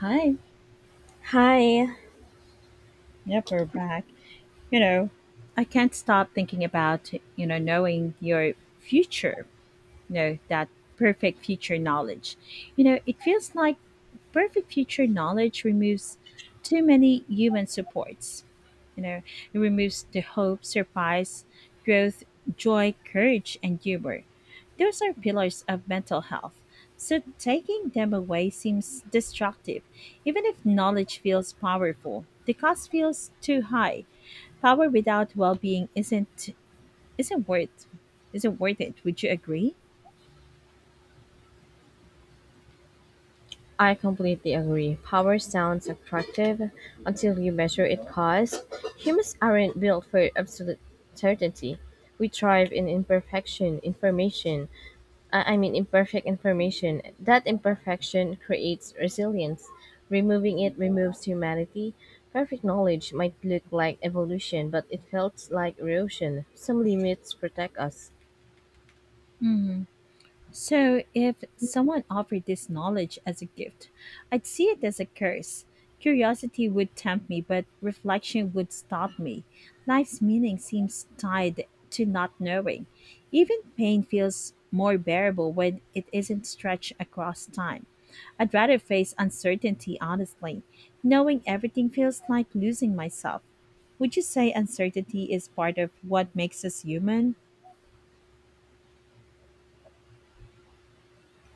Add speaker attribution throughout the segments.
Speaker 1: Hi.
Speaker 2: Hi,
Speaker 1: Yep, we're back. You know, I can't stop thinking about, knowing your future. Know that perfect future knowledge, it feels like perfect future knowledge removes too many human supports. you know it removes the hope, surprise, growth, joy, courage, and humor. Those are pillars of mental health, so taking them away seems destructive. Even if knowledge feels powerful, the cost feels too high. Power without well-being isn't isn't worth isn't worth it. Would you agree?
Speaker 2: I completely agree. Power sounds attractive until you measure its cost. Humans aren't built for absolute certainty. We thrive in imperfection, information. I mean, imperfect information. That imperfection creates resilience. Removing it removes humanity. Perfect knowledge might look like evolution, but it felt like erosion. Some limits protect us.
Speaker 1: So, if someone offered this knowledge as a gift, I'd see it as a curse. Curiosity would tempt me, but reflection would stop me. Life's meaning seems tied to not knowing. Even pain feels more bearable when it isn't stretched across time. I'd rather face uncertainty honestly. Knowing everything feels like losing myself. Would you say uncertainty is part of what makes us human?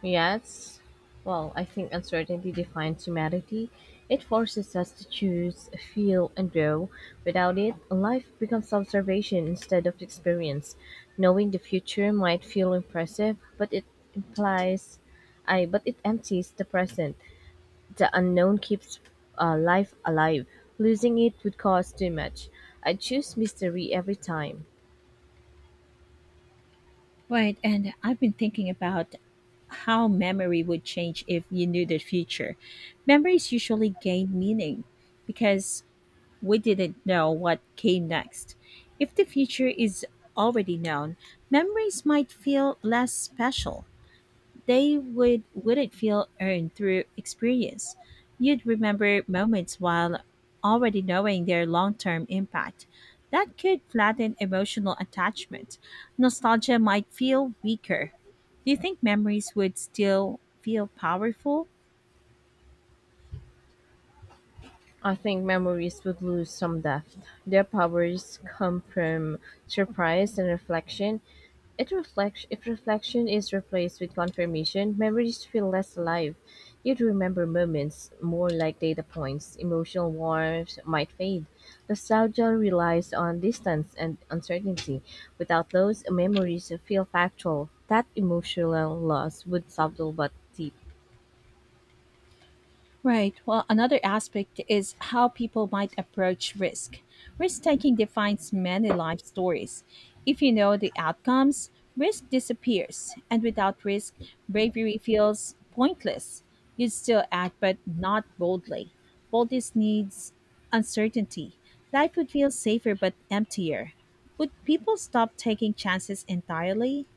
Speaker 2: Yes. Well, I think uncertainty defines humanity. It forces us to choose, feel, and grow. Without it, life becomes observation instead of experience. Knowing the future might feel impressive, but it implies, I but it empties the present. The unknown keeps life alive. Losing it would cost too much. I choose mystery every time.
Speaker 1: Right, and I've been thinking about how memory would change if you knew the future. Memories usually gain meaning because we didn't know what came next. If the future is already known, memories might feel less special. They would Wouldn't feel earned through experience. You'd remember moments while already knowing their long-term impact. That could flatten emotional attachment. Nostalgia might feel weaker. Do you think memories would still feel powerful?
Speaker 2: I think memories would lose some depth. Their powers come from surprise and reflection. It reflects if reflection is replaced with confirmation, memories feel less alive. You'd remember moments more like data points. Emotional warmth might fade. Nostalgia relies on distance and uncertainty. Without those, memories feel factual. That emotional loss would subtle but deep.
Speaker 1: Right. Well, another aspect is how people might approach risk. Risk taking defines many life stories. If you know the outcomes, risk disappears, and without risk, bravery feels pointless. You still act, but not boldly. Boldness needs uncertainty. Life would feel safer but emptier. Would people stop taking chances entirely?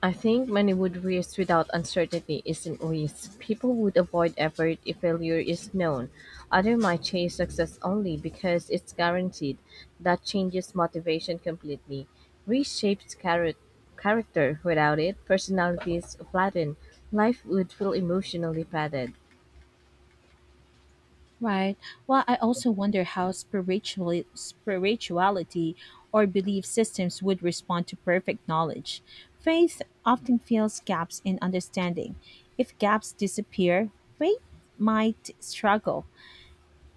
Speaker 2: I think many would risk without uncertainty isn't risk. People would avoid effort if failure is known. Others might chase success only because it's guaranteed. That changes motivation completely. Reshapes charac- character. Without it, personalities flatten. Life would feel emotionally padded.
Speaker 1: Right. Well, I also wonder how spirituality or belief systems would respond to perfect knowledge. Faith often fills gaps in understanding. If gaps disappear, faith might struggle.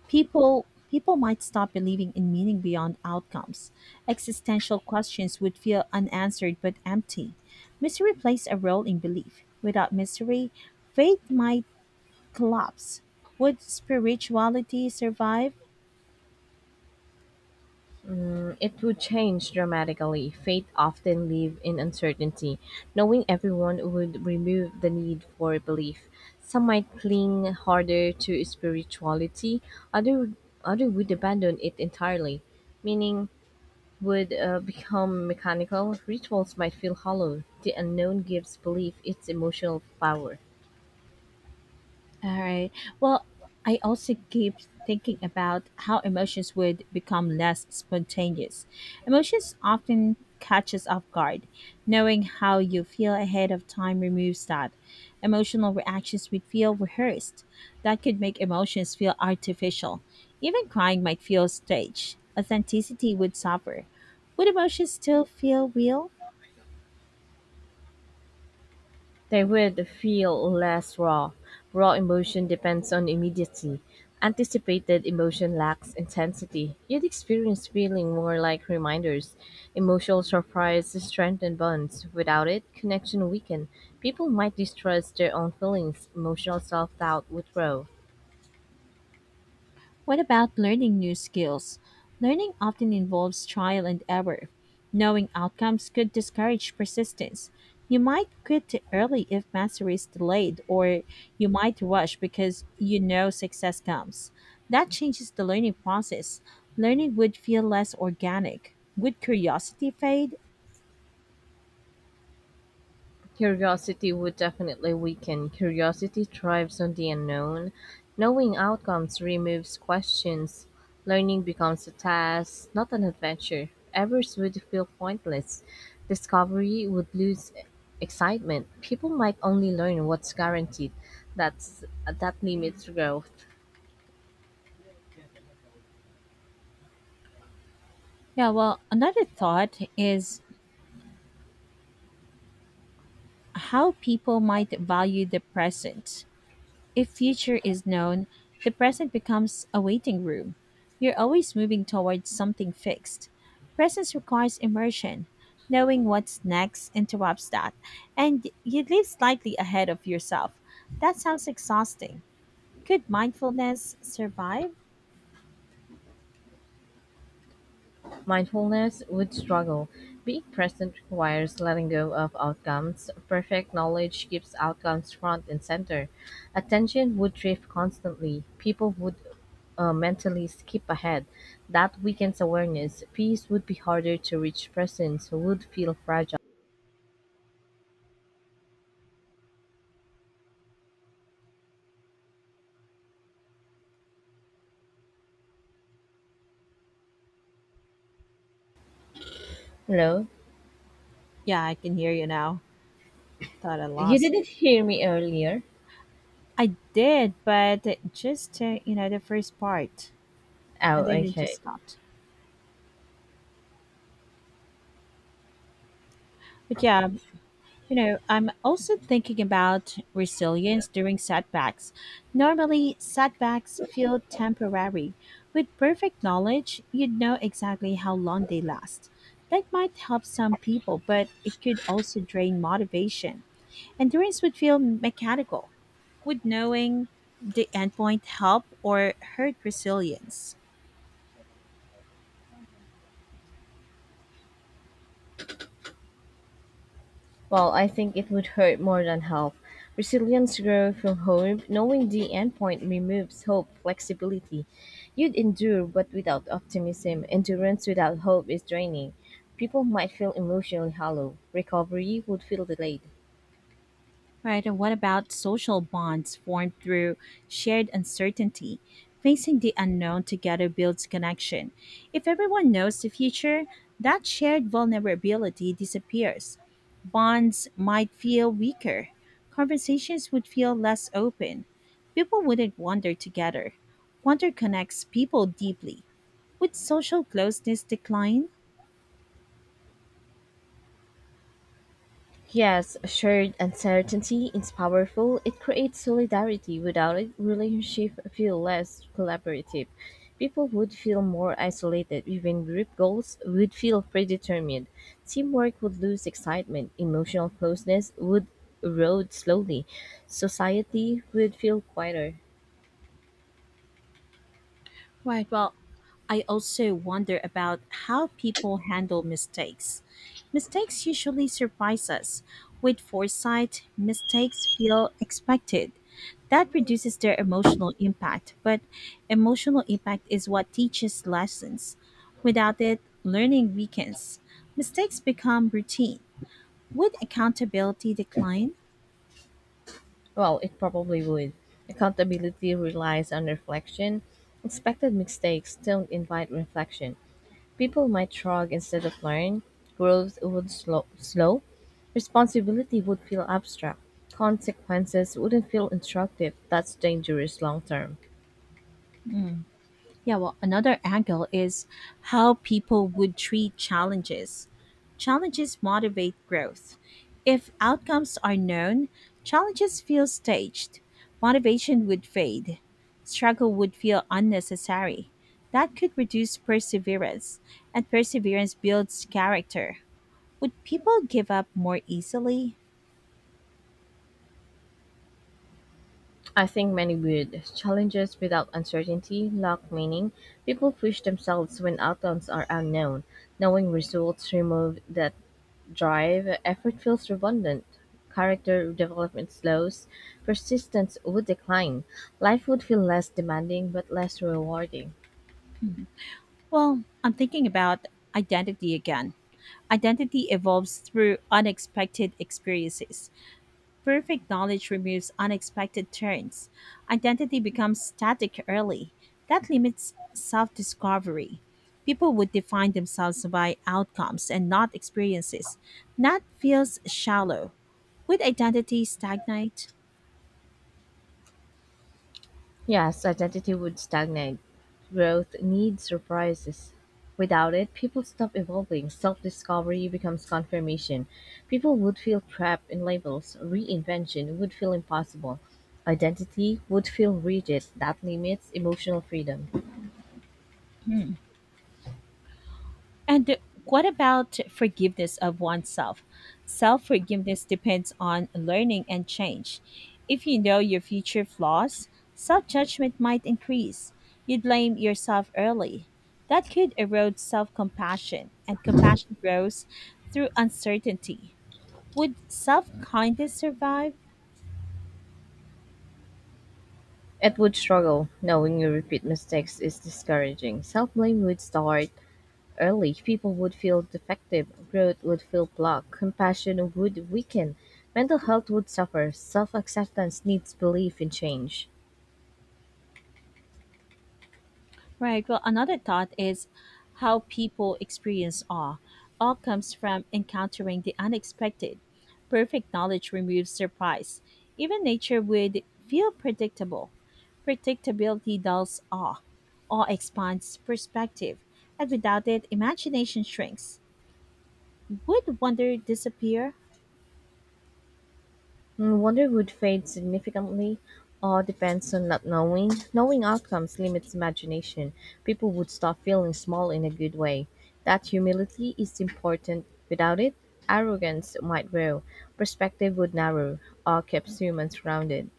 Speaker 1: People might stop believing in meaning beyond outcomes. Existential questions would feel unanswered but empty. Mystery plays a role in belief. Without mystery, faith might collapse. Would spirituality survive?
Speaker 2: It would change dramatically; fate often live in uncertainty. Knowing everyone would remove the need for belief. Some might cling harder to spirituality, other other would abandon it entirely. Meaning would become mechanical. Rituals might feel hollow. The unknown gives belief its emotional power.
Speaker 1: All right. Well, I also keep thinking about how emotions would become less spontaneous. Emotions often catch us off guard. Knowing how you feel ahead of time removes that. Emotional reactions would feel rehearsed. That could make emotions feel artificial. Even crying might feel staged. Authenticity would suffer. Would emotions still feel real?
Speaker 2: They would feel less raw; raw emotion depends on immediacy; anticipated emotion lacks intensity. You'd experience feeling more like reminders. Emotional surprise strengthens bonds. Without it, connection weaken. People might distrust their own feelings. Emotional self doubt would grow.
Speaker 1: What about learning new skills? Learning often involves trial and error. Knowing outcomes could discourage persistence. You might quit early if mastery is delayed, or you might rush because you know success comes. That changes the learning process. Learning would feel less organic. Would curiosity fade?
Speaker 2: Curiosity would definitely weaken. Curiosity thrives on the unknown. Knowing outcomes removes questions. Learning becomes a task, not an adventure. Errors would feel pointless. Discovery would lose excitement. People might only learn what's guaranteed. That's that limits growth.
Speaker 1: Yeah, well, another thought is how people might value the present. If future is known, the present becomes a waiting room. You're always moving towards something fixed. Presence requires immersion. Knowing what's next interrupts that, and you live slightly ahead of yourself. That sounds exhausting. Could mindfulness survive?
Speaker 2: Mindfulness would struggle; being present requires letting go of outcomes. Perfect knowledge keeps outcomes front and center. Attention would drift constantly. People would mentally skip ahead. That weakens awareness. Peace would be harder to reach. Presence would feel fragile. Hello?
Speaker 1: Yeah, I can hear you now. Thought I
Speaker 2: You
Speaker 1: lost.
Speaker 2: didn't hear me earlier?
Speaker 1: I did, but just the first part,
Speaker 2: Oh,
Speaker 1: and then it just
Speaker 2: okay.
Speaker 1: stopped. But yeah, I'm also thinking about resilience during setbacks. Normally, setbacks feel temporary. With perfect knowledge, you'd know exactly how long they last. That might help some people, but it could also drain motivation. Endurance would feel mechanical. Would knowing the endpoint help or hurt resilience?
Speaker 2: Well, I think it would hurt more than help. Resilience grows from hope. Knowing the endpoint removes hope, flexibility. You'd endure, but without optimism. Endurance without hope is draining. People might feel emotionally hollow. Recovery would feel delayed.
Speaker 1: Right, and what about social bonds formed through shared uncertainty? Facing the unknown together builds connection. If everyone knows the future, that shared vulnerability disappears. Bonds might feel weaker. Conversations would feel less open. People wouldn't wander together. Wonder connects people deeply. Would social closeness decline?
Speaker 2: Yes, shared uncertainty is powerful. It creates solidarity. Without it, relationships feel less collaborative. People would feel more isolated. Even group goals would feel predetermined. Teamwork would lose excitement. Emotional closeness would erode slowly. Society would feel quieter.
Speaker 1: Right. Well, I also wonder about how people handle mistakes. Mistakes usually surprise us. With foresight, mistakes feel expected. That reduces their emotional impact, but emotional impact is what teaches lessons. Without it, learning weakens. Mistakes become routine. Would accountability decline?
Speaker 2: Well, it probably would. Accountability relies on reflection. Expected mistakes don't invite reflection. People might shrug instead of learn. Growth would slow. Responsibility would feel abstract. Consequences wouldn't feel instructive. That's dangerous long term.
Speaker 1: Yeah, well, another angle is how people would treat challenges. Challenges motivate growth. If outcomes are known, challenges feel staged. Motivation would fade. Struggle would feel unnecessary. That could reduce perseverance, and perseverance builds character. Would people give up more easily?
Speaker 2: I think many would. Challenges without uncertainty lack meaning. People push themselves when outcomes are unknown. Knowing results remove that drive. Effort feels redundant. Character development slows. Persistence would decline. Life would feel less demanding but less rewarding.
Speaker 1: Well, I'm thinking about identity again. Identity evolves through unexpected experiences. Perfect knowledge removes unexpected turns. Identity becomes static early. That limits self discovery. People would define themselves by outcomes and not experiences. That feels shallow. Would identity stagnate?
Speaker 2: Yes, identity would stagnate. Growth needs surprises. Without it, people stop evolving. Self discovery becomes confirmation. People would feel trapped in labels. Reinvention would feel impossible. Identity would feel rigid. That limits emotional freedom.
Speaker 1: And what about forgiveness of oneself? Self forgiveness depends on learning and change. If you know your future flaws, self judgment might increase. You blame yourself early. That could erode self compassion, and compassion grows through uncertainty. Would self kindness survive?
Speaker 2: It would struggle. Knowing you repeat mistakes is discouraging. Self blame would start. Early, people would feel defective, growth would feel blocked, compassion would weaken, mental health would suffer, self acceptance needs belief in change.
Speaker 1: Right. Well, another thought is how people experience awe. Awe comes from encountering the unexpected. Perfect knowledge removes surprise. Even nature would feel predictable. Predictability dulls awe. Awe expands perspective, and without it, imagination shrinks. Would wonder disappear?
Speaker 2: Wonder would fade significantly. All depends on not knowing. Knowing outcomes limits imagination. People would stop feeling small in a good way. That humility is important. Without it, arrogance might grow, perspective would narrow, all keeps humans rounded.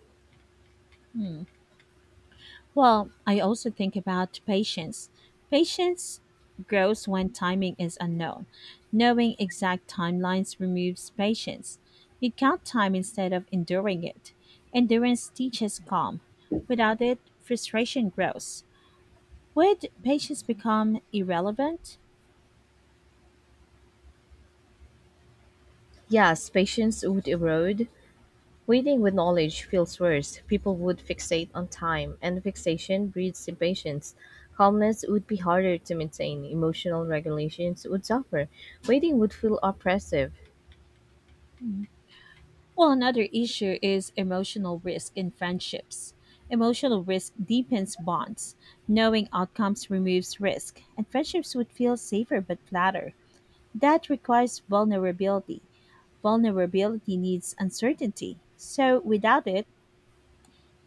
Speaker 1: Hmm. Well, I also think about patience. Patience grows when timing is unknown. Knowing exact timelines removes patience. You count time instead of enduring it. Endurance teaches calm. Without it, frustration grows. Would patience become irrelevant?
Speaker 2: Yes, patience would erode, waiting with knowledge feels worse. People would fixate on time, and fixation breeds impatience. Calmness would be harder to maintain. Emotional regulations would suffer. Waiting would feel oppressive.
Speaker 1: Mhm. Well, another issue is emotional risk in friendships. Emotional risk deepens bonds. Knowing outcomes removes risk, and friendships would feel safer but flatter. That requires vulnerability. Vulnerability needs uncertainty. So without it,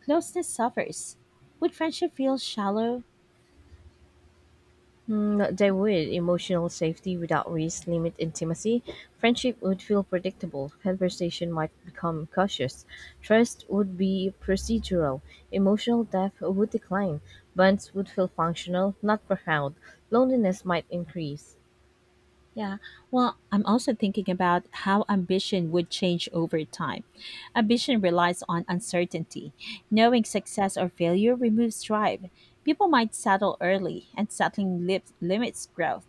Speaker 1: closeness suffers. Would friendship feel shallow?
Speaker 2: Mm, they would. Emotional safety without risk limit intimacy. Friendship would feel predictable. Conversation might become cautious. Trust would be procedural. Emotional depth would decline. Bonds would feel functional, not profound. Loneliness might increase.
Speaker 1: Yeah. Well, I'm also thinking about how ambition would change over time. Ambition relies on uncertainty. Knowing success or failure removes drive. People might settle early, and limits growth.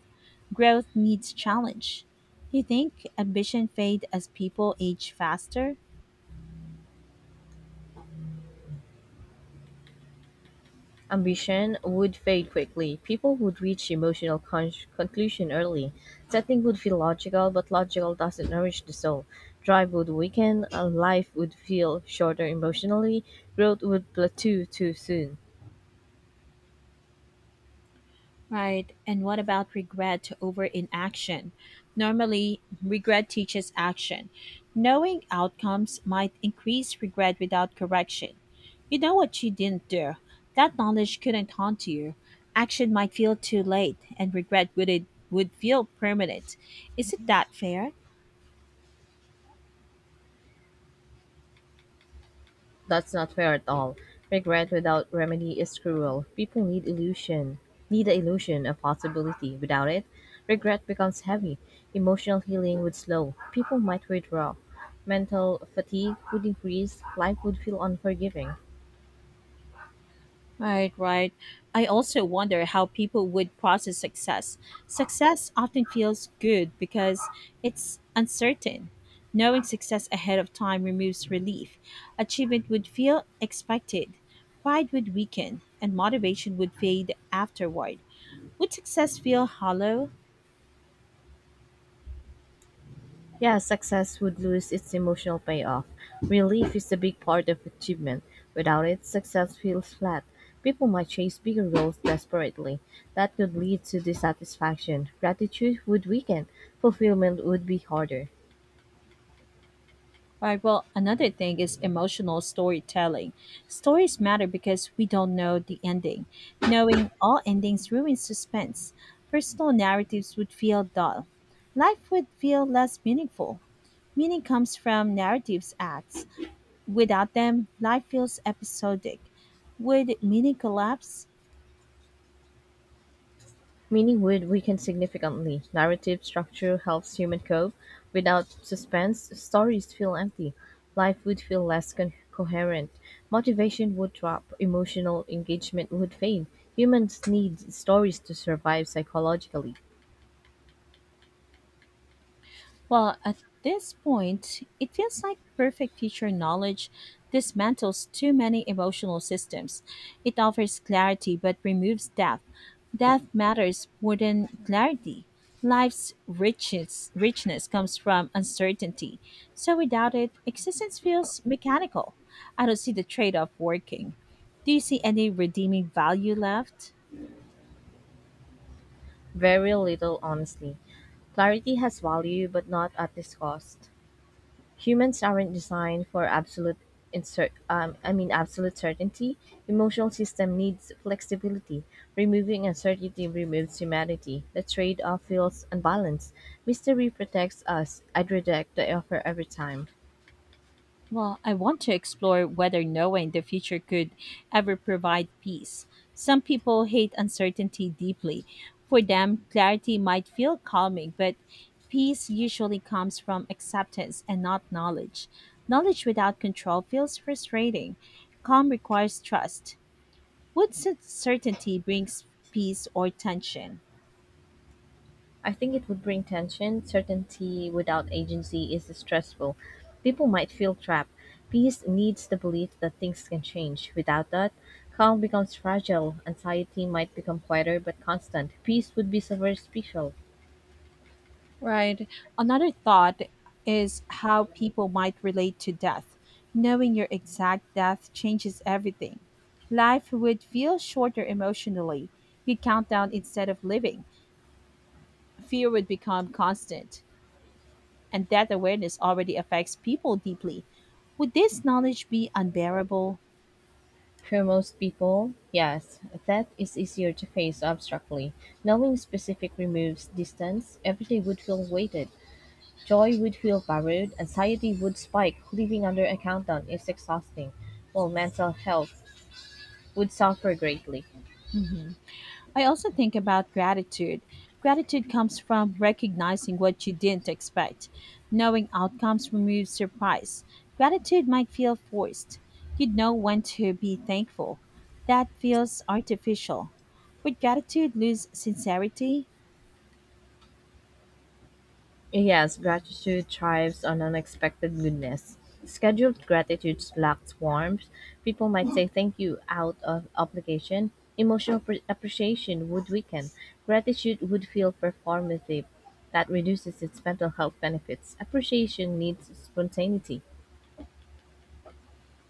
Speaker 1: Growth needs challenge. Do you think ambition fades as people age faster?
Speaker 2: Ambition would fade quickly. People would reach emotional conclusion early. Setting would feel logical, but logical doesn't nourish the soul. Drive would weaken, and life would feel shorter emotionally. Growth would plateau too soon.
Speaker 1: Right. And what about regret over inaction? Normally, regret teaches action. Knowing outcomes might increase regret without correction. You know what you didn't do. That knowledge couldn't haunt you. Action might feel too late, and regret would it would feel permanent. Isn't that fair?
Speaker 2: That's not fair at all. Regret without remedy is cruel. Need the illusion of possibility. Without it, regret becomes heavy. Emotional healing would slow. People might withdraw. Mental fatigue would increase. Life would feel unforgiving.
Speaker 1: Right, right. I also wonder how people would process success. Success often feels good because it's uncertain. Knowing success ahead of time removes relief. Achievement would feel expected. Pride would weaken, and motivation would fade afterward. Would success feel hollow?
Speaker 2: Yeah, success would lose its emotional payoff. Relief is a big part of achievement. Without it, success feels flat. People might chase bigger goals desperately. That could lead to dissatisfaction. Gratitude would weaken. Fulfillment would be harder.
Speaker 1: Right. Well, another thing is emotional storytelling. Stories matter because we don't know the ending. Knowing all endings ruins suspense. Personal narratives would feel dull. Life would feel less meaningful. Meaning comes from narratives acts. Without them, life feels episodic. Would meaning collapse?
Speaker 2: Meaning would weaken significantly. Narrative structure helps human cope. Without suspense, stories feel empty. Life would feel less coherent. Motivation would drop. Emotional engagement would fade. Humans need stories to survive psychologically.
Speaker 1: Well, at this point, it feels like perfect future knowledge dismantles too many emotional systems. It offers clarity but removes depth. Depth matters more than clarity. Richness comes from uncertainty. So without it, existence feels mechanical. I don't see the trade off working. Do you see any redeeming value left?
Speaker 2: Very little, honestly. Clarity has value, but not at this cost. Humans aren't designed for absolute I mean absolute certainty. Emotional system needs flexibility. Removing uncertainty removes humanity. The trade-off feels unbalanced. Mystery protects us. I'd reject the offer every time.
Speaker 1: Well, I want to explore whether knowing the future could ever provide peace. Some people hate uncertainty deeply. For them, clarity might feel calming, but peace usually comes from acceptance and not knowledge. Knowledge without control feels frustrating. Calm requires trust. Would certainty brings peace or tension?
Speaker 2: I think it would bring tension. Certainty without agency is stressful. People might feel trapped. Peace needs the belief that things can change. Without that, calm becomes fragile. Anxiety might become quieter but constant. Peace would be so very special.
Speaker 1: Right. Another thought is how people might relate to death. Knowing your exact death changes everything. Life would feel shorter emotionally. You'd count down instead of living. Fear would become constant. And that awareness already affects people deeply. Would this knowledge be unbearable?
Speaker 2: For most people, yes, that is easier to face abstractly. Knowing specific removes distance. Everything would feel weighted. Joy would feel borrowed. Anxiety would spike. Living under a countdown is exhausting. Well, mental health would suffer greatly.
Speaker 1: Mhm. I also think about gratitude. Gratitude comes from recognizing what you didn't expect. Knowing outcomes removes surprise. Gratitude might feel forced. You would know when to be thankful. That feels artificial. Would gratitude lose sincerity?
Speaker 2: Yes, gratitude thrives on unexpected goodness. Scheduled gratitude lacks warmth. People might say thank you out of obligation. Emotional appreciation would weaken. Gratitude would feel performative. That reduces its mental health benefits. Appreciation needs spontaneity.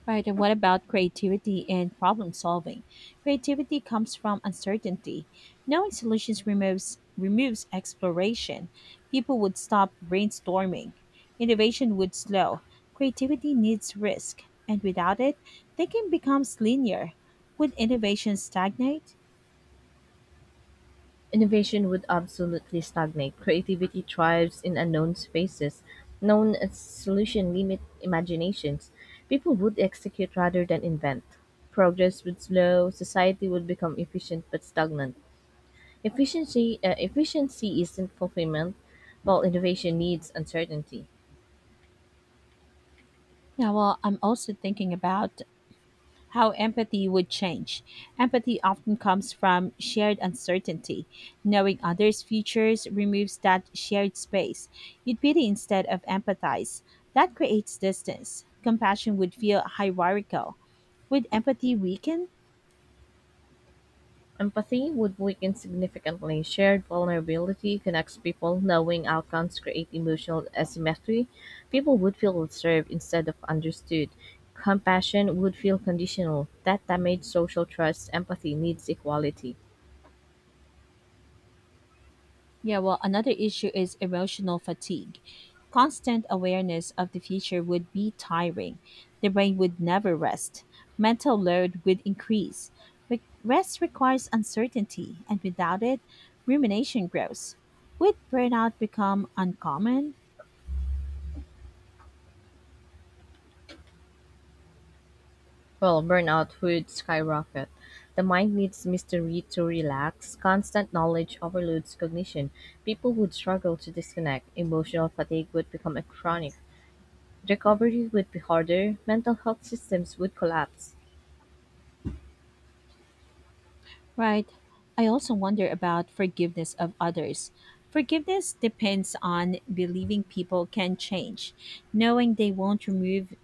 Speaker 1: Right, and what about creativity and problem solving? Creativity comes from uncertainty. Knowing solutions removes exploration. People would stop brainstorming. Innovation would slow. Creativity needs risk, and without it, thinking becomes linear. Would innovation stagnate?
Speaker 2: Innovation would absolutely stagnate. Creativity thrives in unknown spaces. Known solutions limit imaginations. People would execute rather than invent. Progress would slow. Society would become efficient but stagnant. Efficiency, efficiency isn't fulfillment, while innovation needs uncertainty.
Speaker 1: Yeah, well, I'm also thinking about how empathy would change. Empathy often comes from shared uncertainty. Knowing others' futures removes that shared space. You'd pity instead of empathize. That creates distance. Compassion would feel hierarchical. Would empathy weaken?
Speaker 2: Empathy would weaken significantly. Shared vulnerability connects people. Knowing outcomes create emotional asymmetry. People would feel observed instead of understood. Compassion would feel conditional. That damages social trust. Empathy needs equality.
Speaker 1: Yeah, well, another issue is emotional fatigue. Constant awareness of the future would be tiring. The brain would never rest. Mental load would increase. Rest requires uncertainty, and without it, rumination grows. Would burnout become uncommon?
Speaker 2: Well, burnout would skyrocket. The mind needs mystery to relax. Constant knowledge overloads cognition. People would struggle to disconnect. Emotional fatigue would become a chronic. Recovery would be harder, mental health systems would collapse.
Speaker 1: Right. I also wonder about forgiveness of others. Forgiveness depends on believing people can change, knowing they won't remove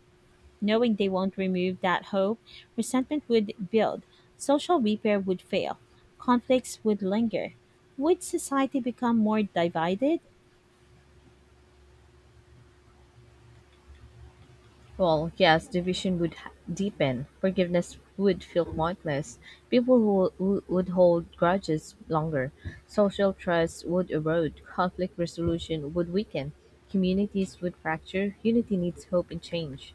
Speaker 1: knowing they won't remove that hope, resentment would build, social repair would fail, conflicts would linger. Would society become more divided?
Speaker 2: Well, yes, division would deepen, forgiveness would feel pointless, people who would hold grudges longer, social trust would erode, conflict resolution would weaken, communities would fracture, unity needs hope and change.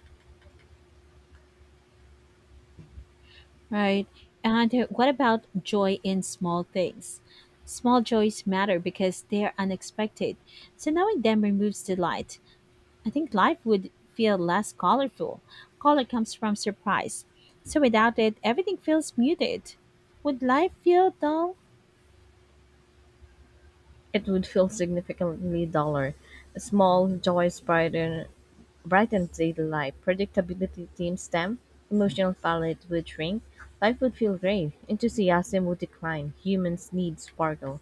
Speaker 1: Right. And what about joy in small things? Small joys matter because they are unexpected. So knowing them removes delight. I think life would feel less colorful. Color comes from surprise. So without it, everything feels muted. Would life feel dull?
Speaker 2: It would feel significantly duller; a small joys brightens daily life. Predictability thin them. Emotional palette would shrink, life would feel gray, enthusiasm would decline, humans need sparkle.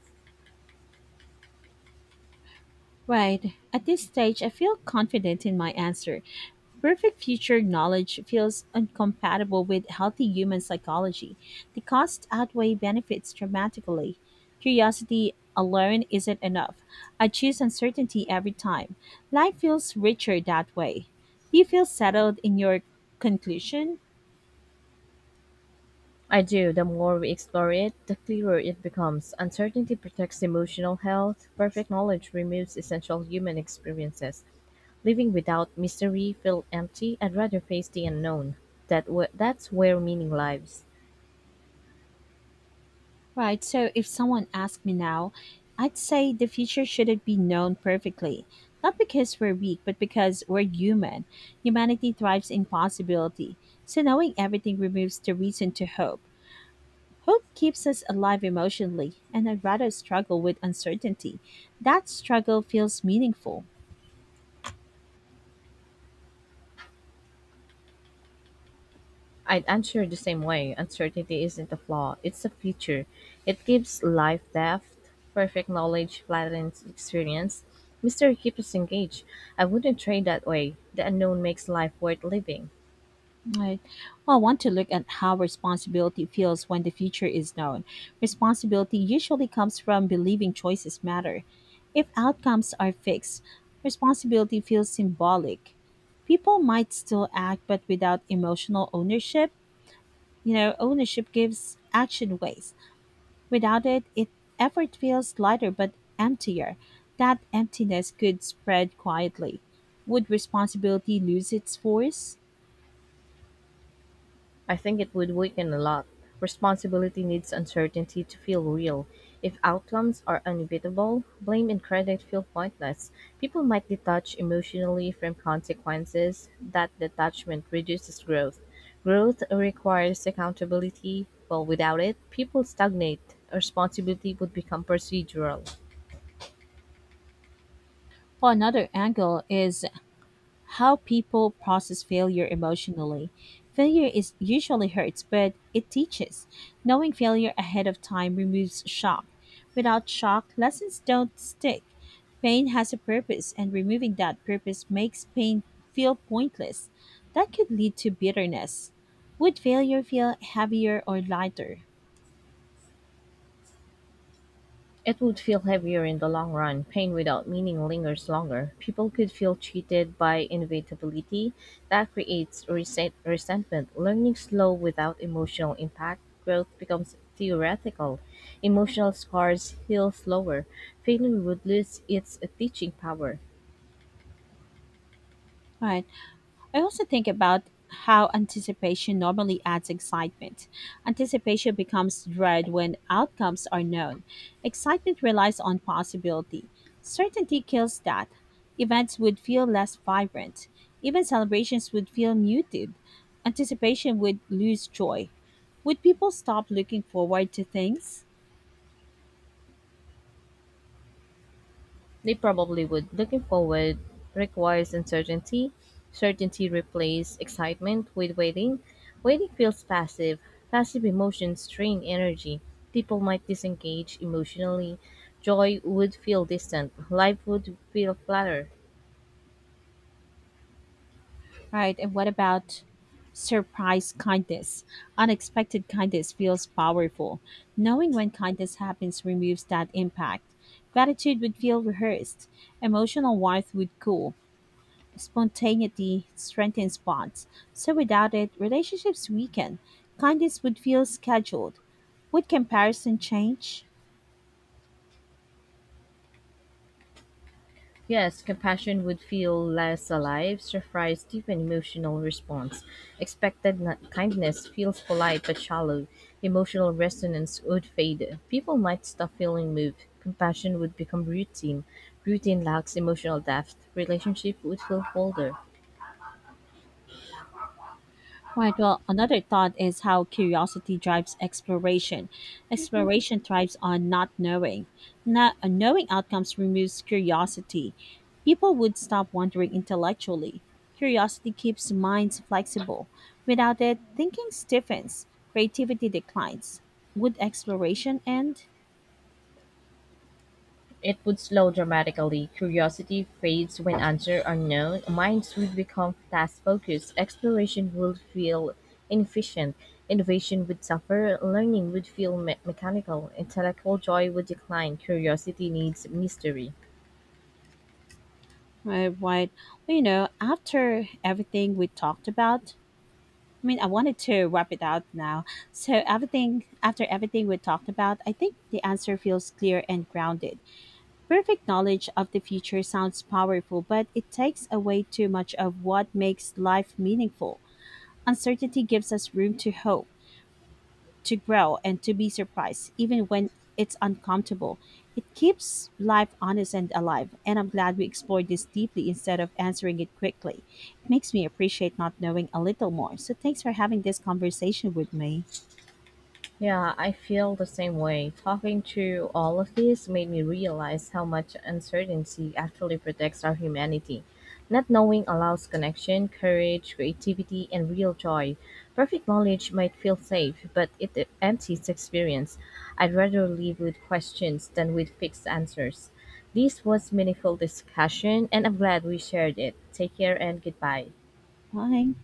Speaker 1: Right. At this stage, I feel confident in my answer. Perfect future knowledge feels incompatible with healthy human psychology. The costs outweigh benefits dramatically. Curiosity alone isn't enough. I choose uncertainty every time. Life feels richer that way. Do you feel settled in your conclusion?
Speaker 2: I do, the more we explore it, the clearer it becomes. Uncertainty protects emotional health, perfect knowledge removes essential human experiences. Living without mystery feel empty. I'd rather face the unknown. That's where meaning lives.
Speaker 1: Right. So if someone asked me now, I'd say the future shouldn't be known perfectly. Not because we're weak, but because we're human. Humanity thrives in possibility. So knowing everything removes the reason to hope. Hope keeps us alive emotionally, and I'd rather struggle with uncertainty. That struggle feels meaningful.
Speaker 2: I'd answer the same way. Uncertainty isn't a flaw, it's a feature. It gives life depth, perfect knowledge, flattens experience. Mystery keeps us engaged. I wouldn't trade that way. The unknown makes life worth living.
Speaker 1: Right. Well, I want to look at how responsibility feels when the future is known. Responsibility usually comes from believing choices matter. If outcomes are fixed, responsibility feels symbolic. People might still act, but without emotional ownership, ownership gives action ways. Without it, effort feels lighter but emptier. That emptiness could spread quietly. Would responsibility lose its force?
Speaker 2: I think it would weaken a lot. Responsibility needs uncertainty to feel real. If outcomes are inevitable, blame and credit feel pointless. People might detach emotionally from consequences. That detachment reduces growth. Growth requires accountability. Well, without it, people stagnate. Responsibility would become procedural.
Speaker 1: Well, another angle is how people process failure emotionally. Failure is usually hurts, but it teaches. Knowing failure ahead of time removes shock. Without shock, lessons don't stick. Pain has a purpose, and removing that purpose makes pain feel pointless. That could lead to bitterness. Would failure feel heavier or lighter?
Speaker 2: It would feel heavier in the long run, pain without meaning lingers longer. People could feel cheated by inevitability. That creates resentment. Learning slow without emotional impact, growth becomes theoretical. Emotional scars heal slower. Failure would lose its teaching power.
Speaker 1: Right. I also think about how anticipation normally adds excitement. Anticipation becomes dread when outcomes are known. Excitement relies on possibility. Certainty kills that. Events would feel less vibrant. Even celebrations would feel muted. Anticipation would lose joy. Would people stop looking forward to things?
Speaker 2: They probably would. Looking forward requires uncertainty. Certainty replaces excitement with waiting. Waiting feels passive. Passive emotions drain energy. People might disengage emotionally. Joy would feel distant. Life would feel flatter.
Speaker 1: Right. And what about surprise kindness? Unexpected kindness feels powerful. Knowing when kindness happens removes that impact. Gratitude would feel rehearsed. Emotional warmth would cool. Spontaneity strengthens bonds. So without it, relationships weaken. Kindness would feel scheduled. Would comparison change?
Speaker 2: Yes, compassion would feel less alive, surprise, deep and emotional response. Expected kindness feels polite but shallow. Emotional resonance would fade. People might stop feeling moved. Compassion would become routine. Routine lacks emotional depth. Relationship would feel colder.
Speaker 1: Right. Well, another thought is how curiosity drives exploration. Exploration thrives on not knowing. Not knowing outcomes removes curiosity. People would stop wondering intellectually. Curiosity keeps minds flexible. Without it, thinking stiffens. Creativity declines. Would exploration end?
Speaker 2: It would slow dramatically, curiosity fades when answers are known, minds would become task-focused, exploration would feel inefficient, innovation would suffer, learning would feel mechanical, intellectual joy would decline, curiosity needs mystery.
Speaker 1: Right. Right. Well, after everything we talked about, I wanted to wrap it out now. So everything After everything we talked about, I think the answer feels clear and grounded. Perfect knowledge of the future sounds powerful, but it takes away too much of what makes life meaningful. Uncertainty gives us room to hope to grow and to be surprised, even when it's uncomfortable. It keeps life honest and alive, and I'm glad we explored this deeply instead of answering it quickly. It makes me appreciate not knowing a little more. So, thanks for having this conversation with me.
Speaker 2: Yeah, I feel the same way. Talking to all of this made me realize how much uncertainty actually protects our humanity. Not knowing allows connection, courage, creativity, and real joy. Perfect knowledge might feel safe, but it empties experience. I'd rather live with questions than with fixed answers. This was meaningful discussion, and I'm glad we shared it. Take care and goodbye.
Speaker 1: Bye.